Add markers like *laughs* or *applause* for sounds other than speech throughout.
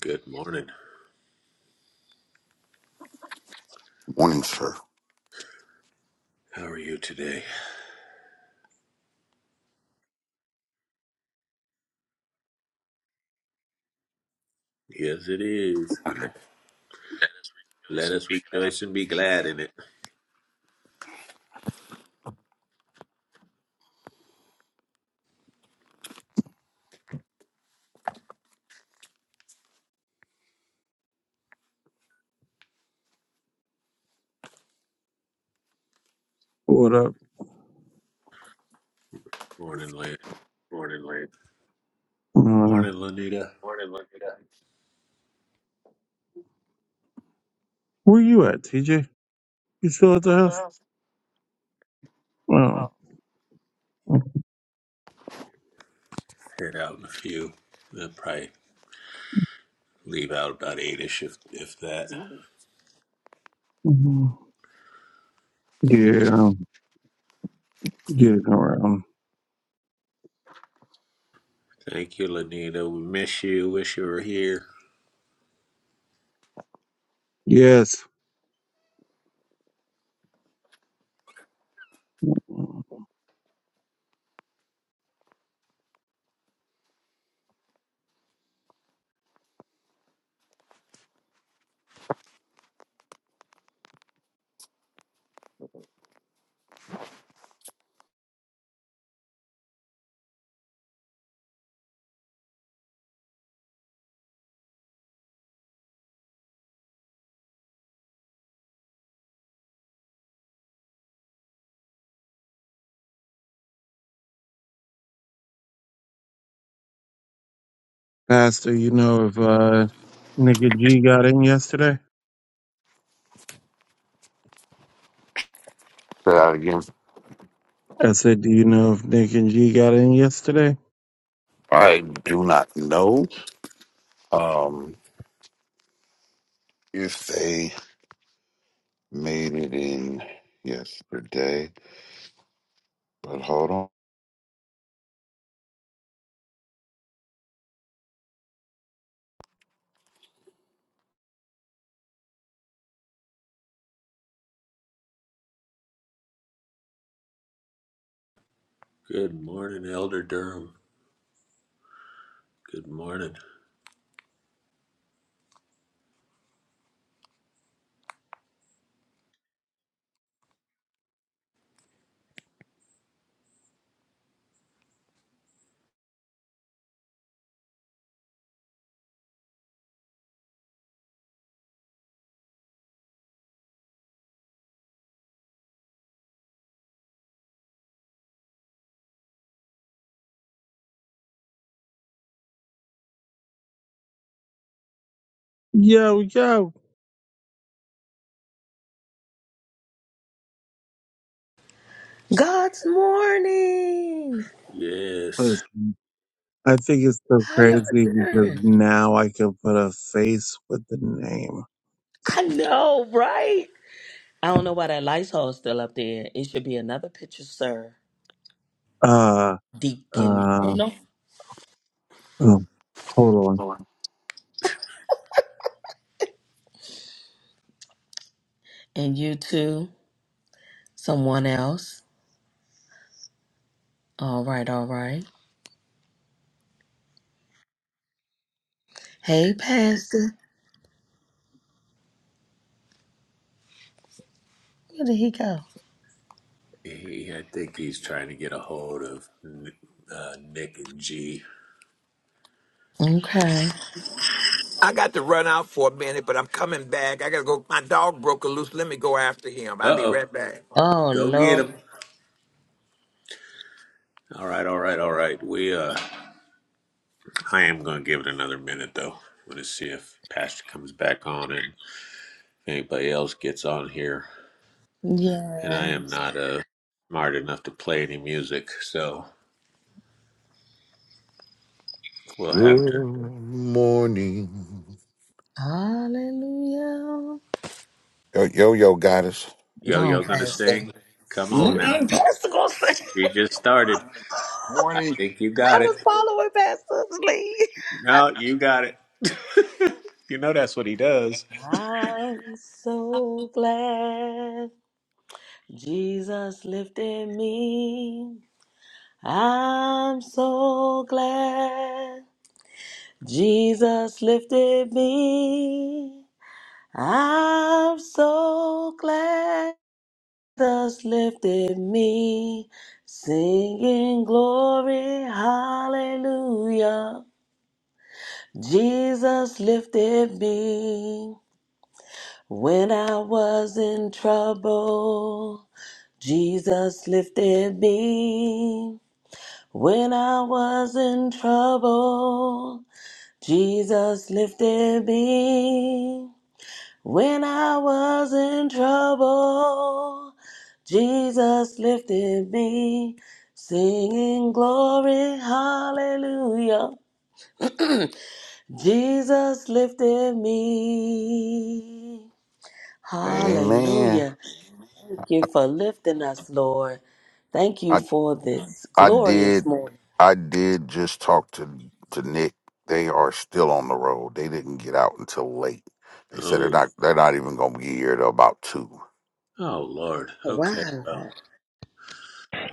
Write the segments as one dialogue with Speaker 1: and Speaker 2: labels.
Speaker 1: Good morning.
Speaker 2: Morning, sir.
Speaker 1: How are you today? Yes, it is. Let us rejoice and be glad in it.
Speaker 3: What up?
Speaker 1: Morning, Lynn.
Speaker 3: Uh,
Speaker 1: Morning, Lanita.
Speaker 3: where you at, TJ? You still at the house? Oh.
Speaker 1: Head out in a few. I'll probably leave out about eight-ish, if, if that.
Speaker 3: Mhm. Yeah, um, getting around.
Speaker 1: Thank you, Lanita. We miss you. Wish you were here.
Speaker 3: Yes. Pastor, you know if uh, Nick and G got in yesterday?
Speaker 2: Say that again.
Speaker 3: I said, do you know if Nick and G got in yesterday?
Speaker 2: I do not know um, if they made it in yesterday, but hold on.
Speaker 1: Good morning, Elder Durham. Good morning.
Speaker 3: Yo, yo.
Speaker 4: God's morning.
Speaker 1: Yes.
Speaker 3: Listen, I think it's so
Speaker 4: How y'all
Speaker 3: crazy because
Speaker 4: doing?
Speaker 3: now I can put a face with the name.
Speaker 4: I know, right? I don't know why that Lysol is still up there. It should be another picture, sir.
Speaker 3: Uh,
Speaker 1: Uh,
Speaker 4: Deacon.
Speaker 3: uh,
Speaker 4: No.
Speaker 3: oh, hold on.
Speaker 4: And you too. Someone else. All right, all right. Hey, Pastor. Where did he go?
Speaker 1: he, I think he's trying to get a hold of uh, Nick and G.
Speaker 4: Okay.
Speaker 5: I got to run out for a minute, but I'm coming back. I gotta go. My dog broke loose. Let me go after him. I'll be
Speaker 1: Uh-oh.
Speaker 5: right back.
Speaker 4: Oh,
Speaker 1: Go get
Speaker 4: Lord.
Speaker 1: him. All right, all right, all right. We uh I am going to give it another minute, though. I'm going to see if Pastor comes back on and if anybody else gets on here. And I
Speaker 4: Yeah.
Speaker 1: am not uh, smart enough to play any music, so we'll have
Speaker 2: Good
Speaker 1: to.
Speaker 2: morning.
Speaker 4: Hallelujah.
Speaker 2: Yo, yo, yo, goddess.
Speaker 4: Go
Speaker 1: Yo,
Speaker 4: on,
Speaker 1: yo, going to
Speaker 4: Pastor.
Speaker 1: sing? Come
Speaker 2: Yo,
Speaker 1: on
Speaker 2: yo.
Speaker 1: now.
Speaker 4: Mm-mm, Pastor, gonna say. *laughs*
Speaker 1: You just started. I
Speaker 2: Morning.
Speaker 1: think you
Speaker 4: I
Speaker 1: got it.
Speaker 4: was following Pastor's lead.
Speaker 1: No, you got it. *laughs* you know that's what he does.
Speaker 4: I'm so glad Jesus lifted me. I'm so glad Jesus lifted me. I'm so glad Jesus lifted me. Singing glory, hallelujah. Jesus lifted me when I was in trouble. Jesus lifted me when I was in trouble. Jesus lifted me when I was in trouble. Jesus lifted me, singing glory, hallelujah. Jesus lifted me.
Speaker 2: Amen.
Speaker 4: Hallelujah. you for lifting us, Lord. Thank you for this
Speaker 2: I
Speaker 4: glorious
Speaker 2: did.
Speaker 4: morning.
Speaker 2: I did just talk to to Nick. They are still on the road. They didn't get out until late. They said they're
Speaker 1: Oh,
Speaker 2: not. They're not even going to be here till about two.
Speaker 1: oh, Lord. Okay,
Speaker 4: Wow.
Speaker 1: well,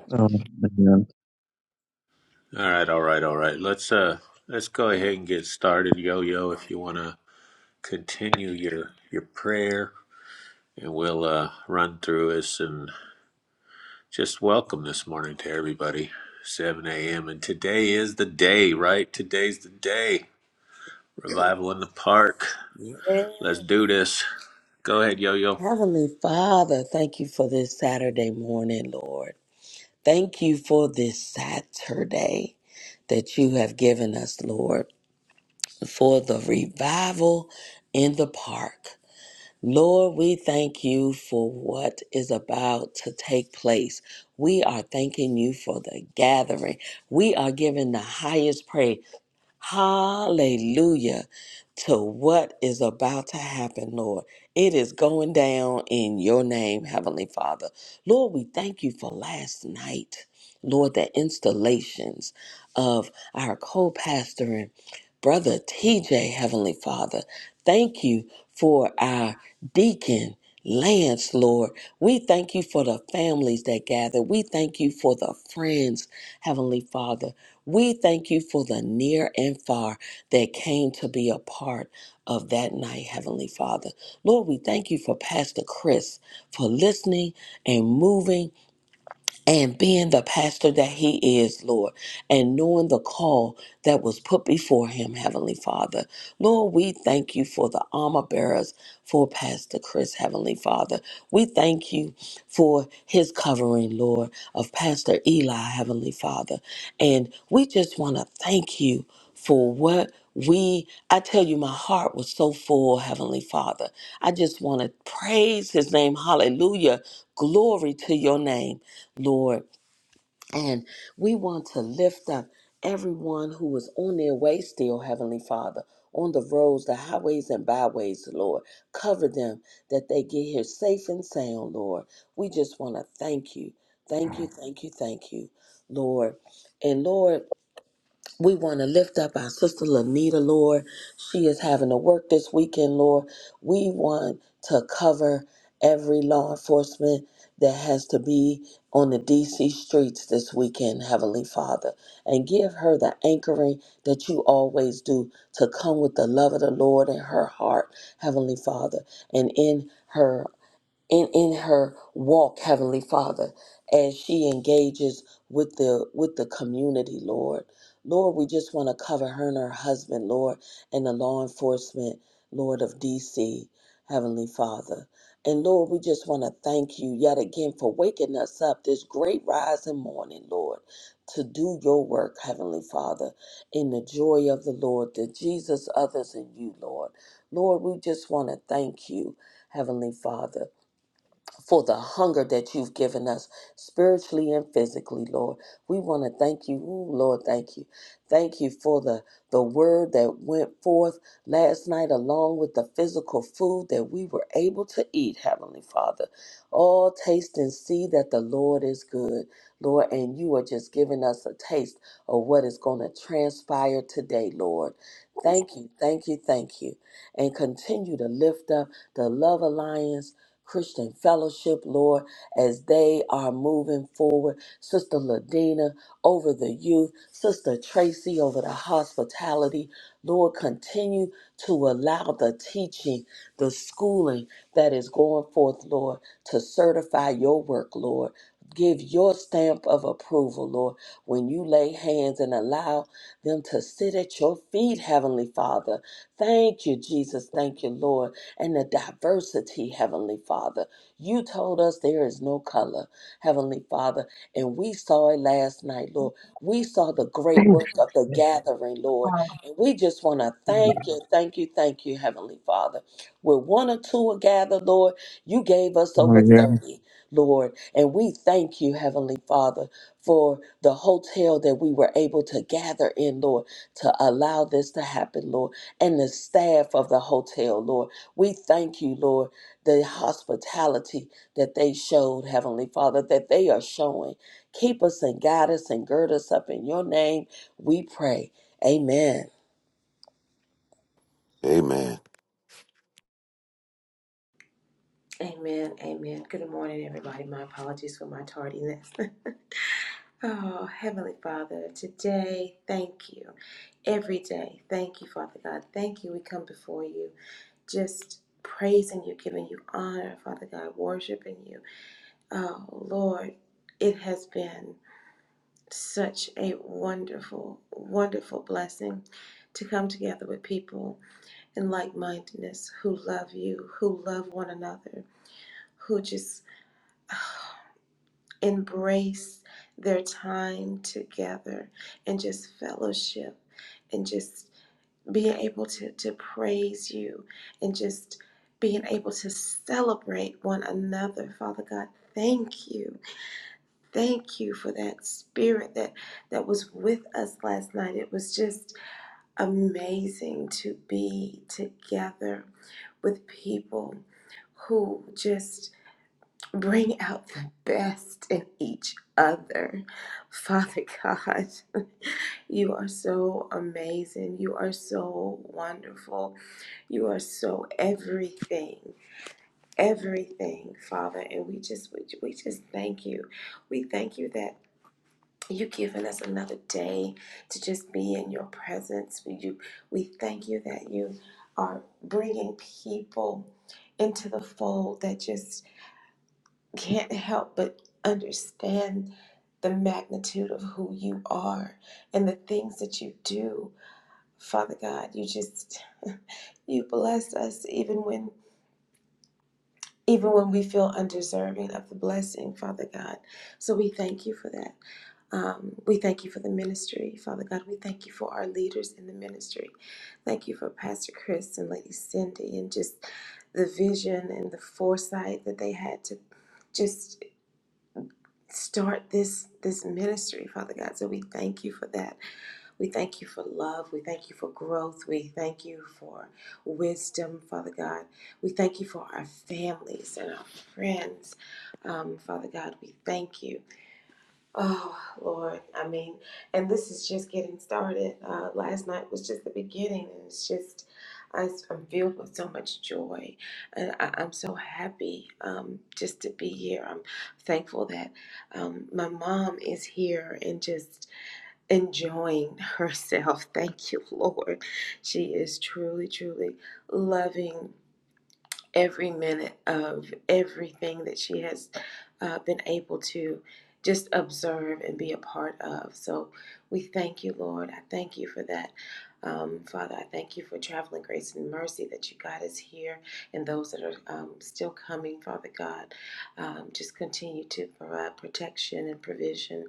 Speaker 3: Oh,
Speaker 1: all right, all right, all right. Let's uh, let's go ahead and get started, Yo, yo. If you want to continue your your prayer and we'll uh, run through this and just welcome this morning to everybody 7 a.m and today is the day right today's the day revival in the park
Speaker 4: Yes.
Speaker 1: let's do this go ahead yo yo
Speaker 4: Heavenly Father, thank you for this Saturday morning, Lord. Thank you for this Saturday that you have given us, Lord, for the revival in the park. Lord, we thank you for what is about to take place. We are thanking you for the gathering. We are giving the highest praise. Hallelujah to what is about to happen, Lord. It is going down in your name, Heavenly Father. Lord, we thank you for last night. Lord, the installations of our co-pastor brother TJ, Heavenly Father. Thank you for our deacon. Lance, Lord, we thank you for the families that gather. We thank you for the friends, Heavenly Father. We thank you for the near and far that came to be a part of that night, Heavenly Father. Lord, we thank you for Pastor Chris for listening and moving and being the pastor that he is, Lord, and knowing the call that was put before him, Heavenly Father. Lord, we thank you for the armor bearers for Pastor Chris, Heavenly Father. We thank you for his covering, Lord, of Pastor Eli, Heavenly Father. And we just want to thank you for what we, I tell you, my heart was so full, Heavenly Father. I just want to praise his name. Hallelujah. Glory to your name. Lord. And we want to lift up everyone who is on their way still, Heavenly Father, on the roads, the highways, and byways, Lord. Cover them that they get here safe and sound, Lord. We just want to thank you. Thank you, thank you, thank you, Lord. And Lord, we want to lift up our sister Lanita, Lord. She is having to work this weekend, Lord. We want to cover every law enforcement that has to be on the DC streets this weekend, Heavenly Father, and give her the anchoring that you always do to come with the love of the Lord in her heart, Heavenly Father, and in her and in her walk heavenly father as she engages with the with the community lord lord we just want to cover her and her husband lord and the law enforcement lord of dc heavenly father and lord we just want to thank you yet again for waking us up this great rising morning lord to do your work heavenly father in the joy of the lord the jesus others and you lord lord we just want to thank you heavenly father for the hunger that you've given us spiritually and physically, Lord. We want to thank you. Ooh, Lord, thank you. Thank you for the, the word that went forth last night, along with the physical food that we were able to eat, Heavenly Father. All taste and see that the Lord is good, Lord, and you are just giving us a taste of what is going to transpire today, Lord. Thank you, thank you, thank you. And continue to lift up the Love Alliance Christian Fellowship, Lord, as they are moving forward. Sister Ladina over the youth, Sister Tracy over the hospitality. Lord, continue to allow the teaching, the schooling that is going forth, Lord, to certify your work, Lord. Give your stamp of approval, Lord, when you lay hands and allow them to sit at your feet, Heavenly Father. Thank you, Jesus. Thank you, Lord and the diversity, Heavenly Father. You told us there is no color, Heavenly Father, and we saw it last night, Lord. We saw the great work of the gathering, Lord, and we just want to
Speaker 3: man.
Speaker 4: thank you, thank you, thank you, Heavenly Father. Where one or two are gathered, Lord, you gave us
Speaker 3: Oh,
Speaker 4: over
Speaker 3: yeah.
Speaker 4: 30, Lord, and we thank you, Heavenly Father, for the hotel that we were able to gather in, Lord, to allow this to happen, Lord, and the staff of the hotel, Lord. We thank you, Lord, the hospitality that they showed, Heavenly Father, that they are showing. Keep us and guide us and gird us up in your name. We pray. Amen.
Speaker 2: Amen.
Speaker 6: Amen. Amen. Good morning, everybody. My apologies for my tardiness. *laughs* oh, Heavenly Father, today, thank you. Every day, thank you, Father God. Thank you. We come before you just praising you, giving you honor, Father God, worshiping you. Oh, Lord, it has been such a wonderful, wonderful blessing to come together with people in like mindedness who love you, who love one another, who just embrace their time together and just fellowship and just being able to, to praise you and just being able to celebrate one another. Father God, thank you. Thank you for that spirit that that was with us last night. It was just amazing to be together with people who just Bring out the best in each other. Father God, you are so amazing. You are so wonderful. You are so everything, everything, Father. And we just we, we just thank you. We thank you that you've given us another day to just be in your presence. We you, we thank you that you are bringing people into the fold that just can't help but understand the magnitude of who you are and the things that you do. Father God, you just you bless us even when even when we feel undeserving of the blessing, Father God. So we thank you for that. Um, we thank you for the ministry, Father God. We thank you for our leaders in the ministry. Thank you for Pastor Chris and Lady Cindy and just the vision and the foresight that they had to just start this this ministry, Father God. So we thank you for that. We thank you for love. We thank you for growth. We thank you for wisdom, Father God. We thank you for our families and our friends, um, Father God. We thank you. Oh, Lord. I mean, and this is just getting started. Uh, last night was just the beginning, and it's just. I, am filled with so much joy, and I, I'm so happy um, just to be here. I'm thankful that um, my mom is here, and just enjoying *laughs* herself. Thank you, Lord. She is truly, truly loving every minute of everything that she has uh, been able to just observe and be a part of. So we thank you, Lord. I thank you for that. Um, Father, I thank you for traveling grace and mercy that you got us here and those that are um, still coming, Father God. Um, just continue to provide protection and provision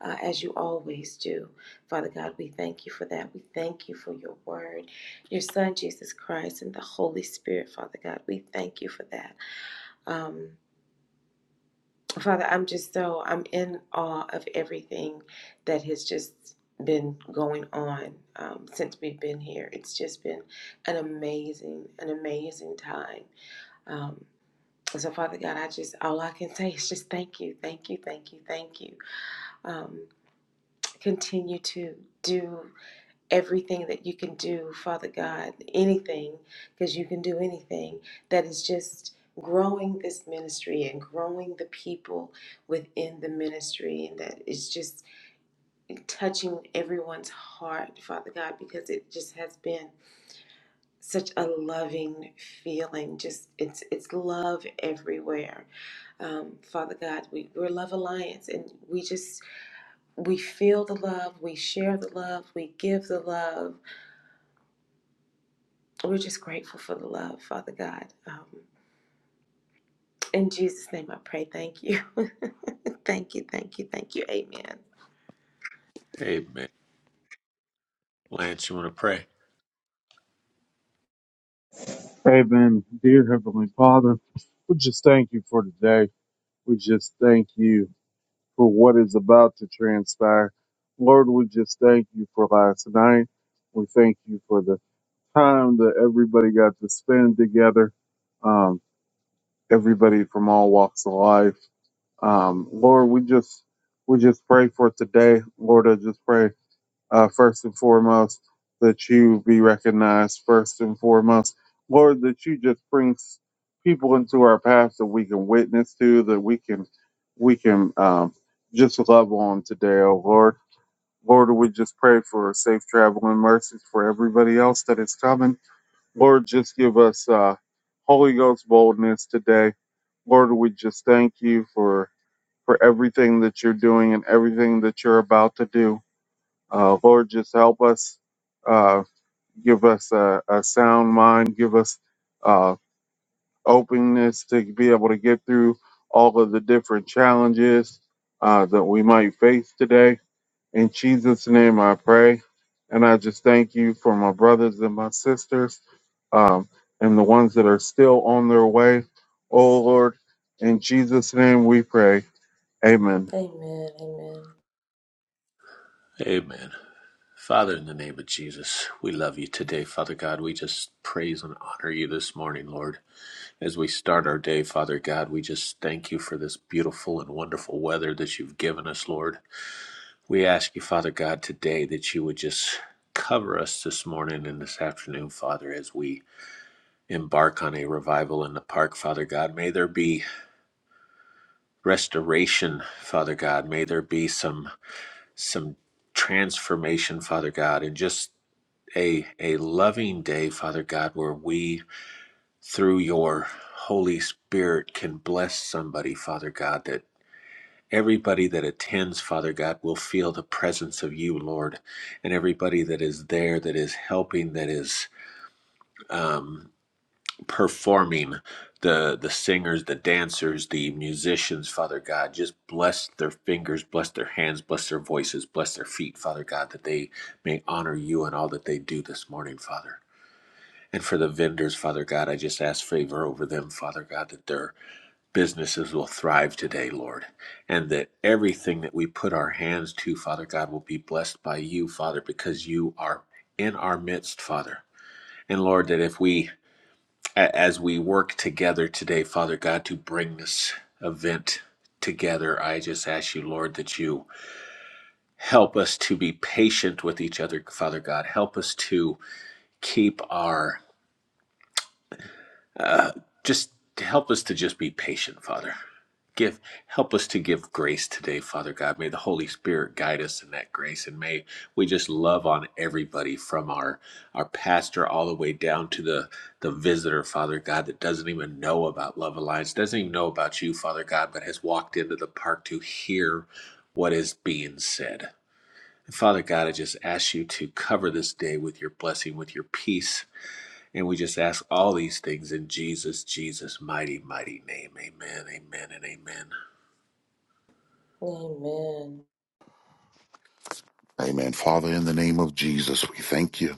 Speaker 6: uh, as you always do. Father God, we thank you for that. We thank you for your word your Son, Jesus Christ, and the Holy Spirit, Father God. We thank you for that. Um, Father, I'm just so, I'm in awe of everything that has just been going on um, since we've been here. It's just been an amazing, an amazing time. Um, so, Father God, I just, all I can say is just thank you, thank you, thank you, thank you. Um, continue to do everything that you can do, Father God, anything, because you can do anything, that is just growing this ministry and growing the people within the ministry, and that is just touching everyone's heart, Father God, because it just has been such a loving feeling just it's it's love everywhere um, father god we, we're love alliance and we just we feel the love we share the love we give the love We're just grateful for the love, Father God. Um, in Jesus' name I pray. Thank you. *laughs* Thank you. Thank you. Thank you. Amen.
Speaker 1: amen lance you want to pray
Speaker 3: Amen. Dear Heavenly Father, we just thank you for today. We just thank you for what is about to transpire. Lord, we just thank you for last night. We thank you for the time that everybody got to spend together. Um, everybody from all walks of life. Um, Lord, we just we just pray for today. Lord, I just pray uh, first and foremost, that you be recognized first and foremost. Lord, that you just bring s- people into our path that we can witness to, that we can we can um, just love on today, oh Lord. Lord, we just pray for safe travel and mercies for everybody else that is coming. Lord, just give us uh, Holy Ghost boldness today. Lord, we just thank you for for everything that you're doing and everything that you're about to do. Uh, Lord, just help us. Uh, give us a, a sound mind. Give us uh, openness to be able to get through all of the different challenges uh, that we might face today. In Jesus' name, I pray. And I just thank you for my brothers and my sisters um, and the ones that are still on their way. Oh, Lord, in Jesus' name we pray. Amen.
Speaker 6: Amen.
Speaker 1: amen Father, in the name of Jesus, we love you today, Father God. We just praise and honor you this morning, Lord. As we start our day, Father God, we just thank you for this beautiful and wonderful weather that you've given us, Lord. We ask you, Father God, today that you would just cover us this morning and this afternoon, Father, as we embark on a revival in the park, Father God. May there be restoration, Father God. May there be some some transformation, Father God, and just a a loving day, Father God, where we through your Holy Spirit can bless somebody, Father God, that. Everybody that attends, Father God, will feel the presence of you, Lord, and everybody that is there, that is helping, that is um, performing, the the singers, the dancers, the musicians, Father God, just bless their fingers, bless their hands, bless their voices, bless their feet, Father God, that they may honor you in all that they do this morning, Father. And for the vendors, Father God, I just ask favor over them, Father God, that their businesses will thrive today, Lord, and that everything that we put our hands to, Father God, will be blessed by you, Father, because you are in our midst, Father. And Lord, that if we, as we work together today, Father God, to bring this event together, I just ask you, Lord, that you help us to be patient with each other, Father God. Help us to keep our Uh, just help us to just be patient, Father. Give help us to give grace today, Father God. May the Holy Spirit guide us in that grace, and may we just love on everybody from our our pastor all the way down to the the visitor, Father God, that doesn't even know about Love Alliance, doesn't even know about you, Father God, but has walked into the park to hear what is being said. Father God, I just ask you to cover this day with your blessing, with your peace, and we just ask all these things in Jesus, Jesus' mighty, mighty name. Amen, amen, and amen.
Speaker 6: Amen.
Speaker 2: Amen. Father, in the name of Jesus, we thank you.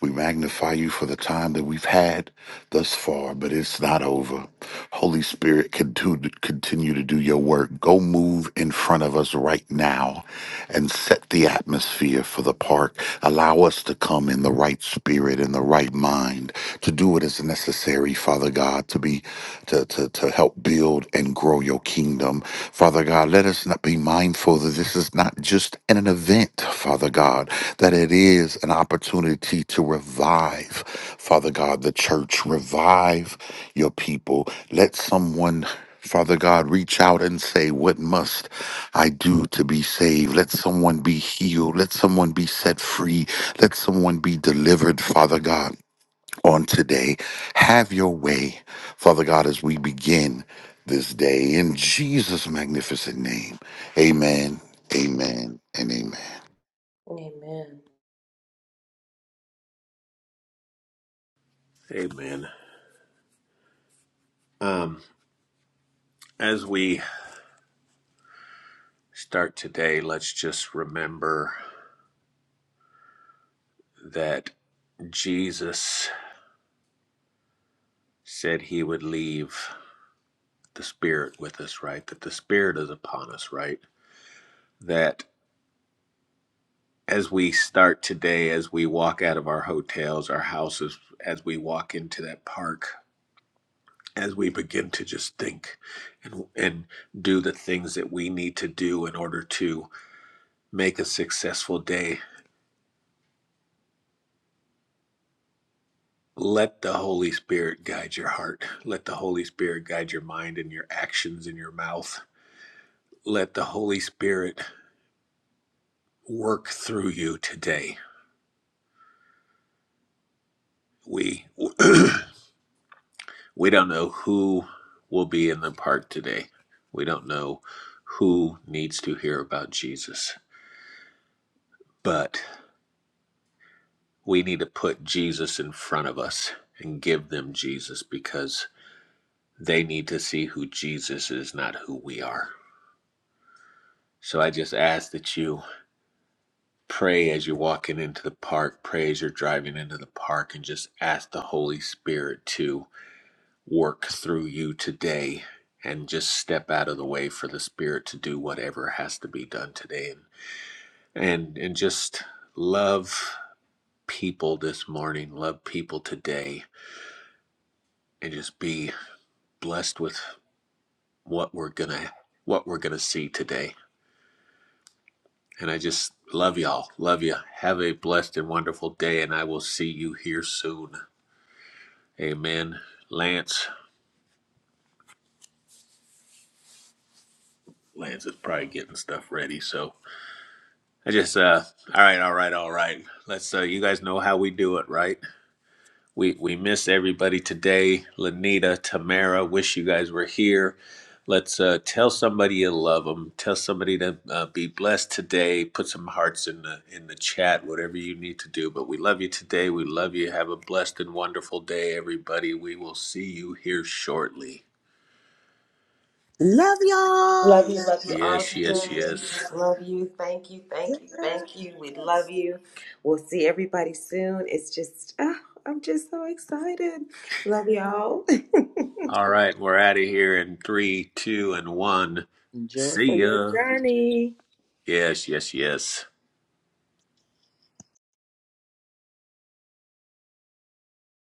Speaker 2: We magnify you for the time that we've had thus far, but it's not over. Holy Spirit, continue, continue to do your work. Go move in front of us right now and set the atmosphere for the park. Allow us to come in the right spirit and the right mind to do what is necessary, Father God, to be to, to, to help build and grow your kingdom. Father God, let us not be mindful that this is not just an event, Father God, that it is an opportunity to revive, Father God, the church, revive your people. Let someone Father God, reach out and say, What must I do to be saved? Let someone be healed. Let someone be set free. Let someone be delivered, Father God on today. Have your way, Father God, as we begin this day in Jesus' magnificent name. Amen, amen, and amen.
Speaker 6: Amen. Amen.
Speaker 1: Amen. Um, as we start today, let's just remember that Jesus said he would leave the Spirit with us, right? That the Spirit is upon us, right? That as we start today, as we walk out of our hotels, our houses, as we walk into that park, as we begin to just think and and do the things that we need to do in order to make a successful day let the holy spirit guide your heart let the holy spirit guide your mind and your actions and your mouth let the holy spirit work through you today we *clears throat* we don't know who will be in the park today we don't know who needs to hear about jesus but. We need to put Jesus in front of us and give them Jesus because they need to see who Jesus is, not who we are. So I just ask that you pray as you're walking into the park, pray as you're driving into the park, and just ask the Holy Spirit to work through you today and just step out of the way for the Spirit to do whatever has to be done today. And, and, and just love people this morning, love people today, and just be blessed with what we're gonna what we're gonna see today. And I just love y'all. Love you. Have a blessed and wonderful day, and I will see you here soon. Amen. Lance. Lance is probably getting stuff ready. So I just uh all right, all right, all right. Let's uh you guys know how we do it, right? We we miss everybody today. Lanita, Tamara, wish you guys were here. Let's uh, tell somebody you love them. Tell somebody to uh, be blessed today. Put some hearts in the in the chat. Whatever you need to do. But we love you today. We love you. Have a blessed and wonderful day, everybody. We will see you here shortly.
Speaker 4: Love y'all.
Speaker 6: Love
Speaker 4: Love
Speaker 6: you. Love you all
Speaker 4: y'all.
Speaker 1: Yes, yes,
Speaker 6: today.
Speaker 1: yes.
Speaker 6: Just love you. Thank you. Thank
Speaker 4: Love
Speaker 6: you.
Speaker 4: y'all.
Speaker 6: Thank you. We love
Speaker 4: Yes.
Speaker 6: you. We'll see everybody soon. It's just, ah, I'm just so excited. Love y'all. *laughs*
Speaker 1: All right, we're out of here in three, two, and one.
Speaker 4: Enjoy.
Speaker 1: See ya. Yes, yes, yes.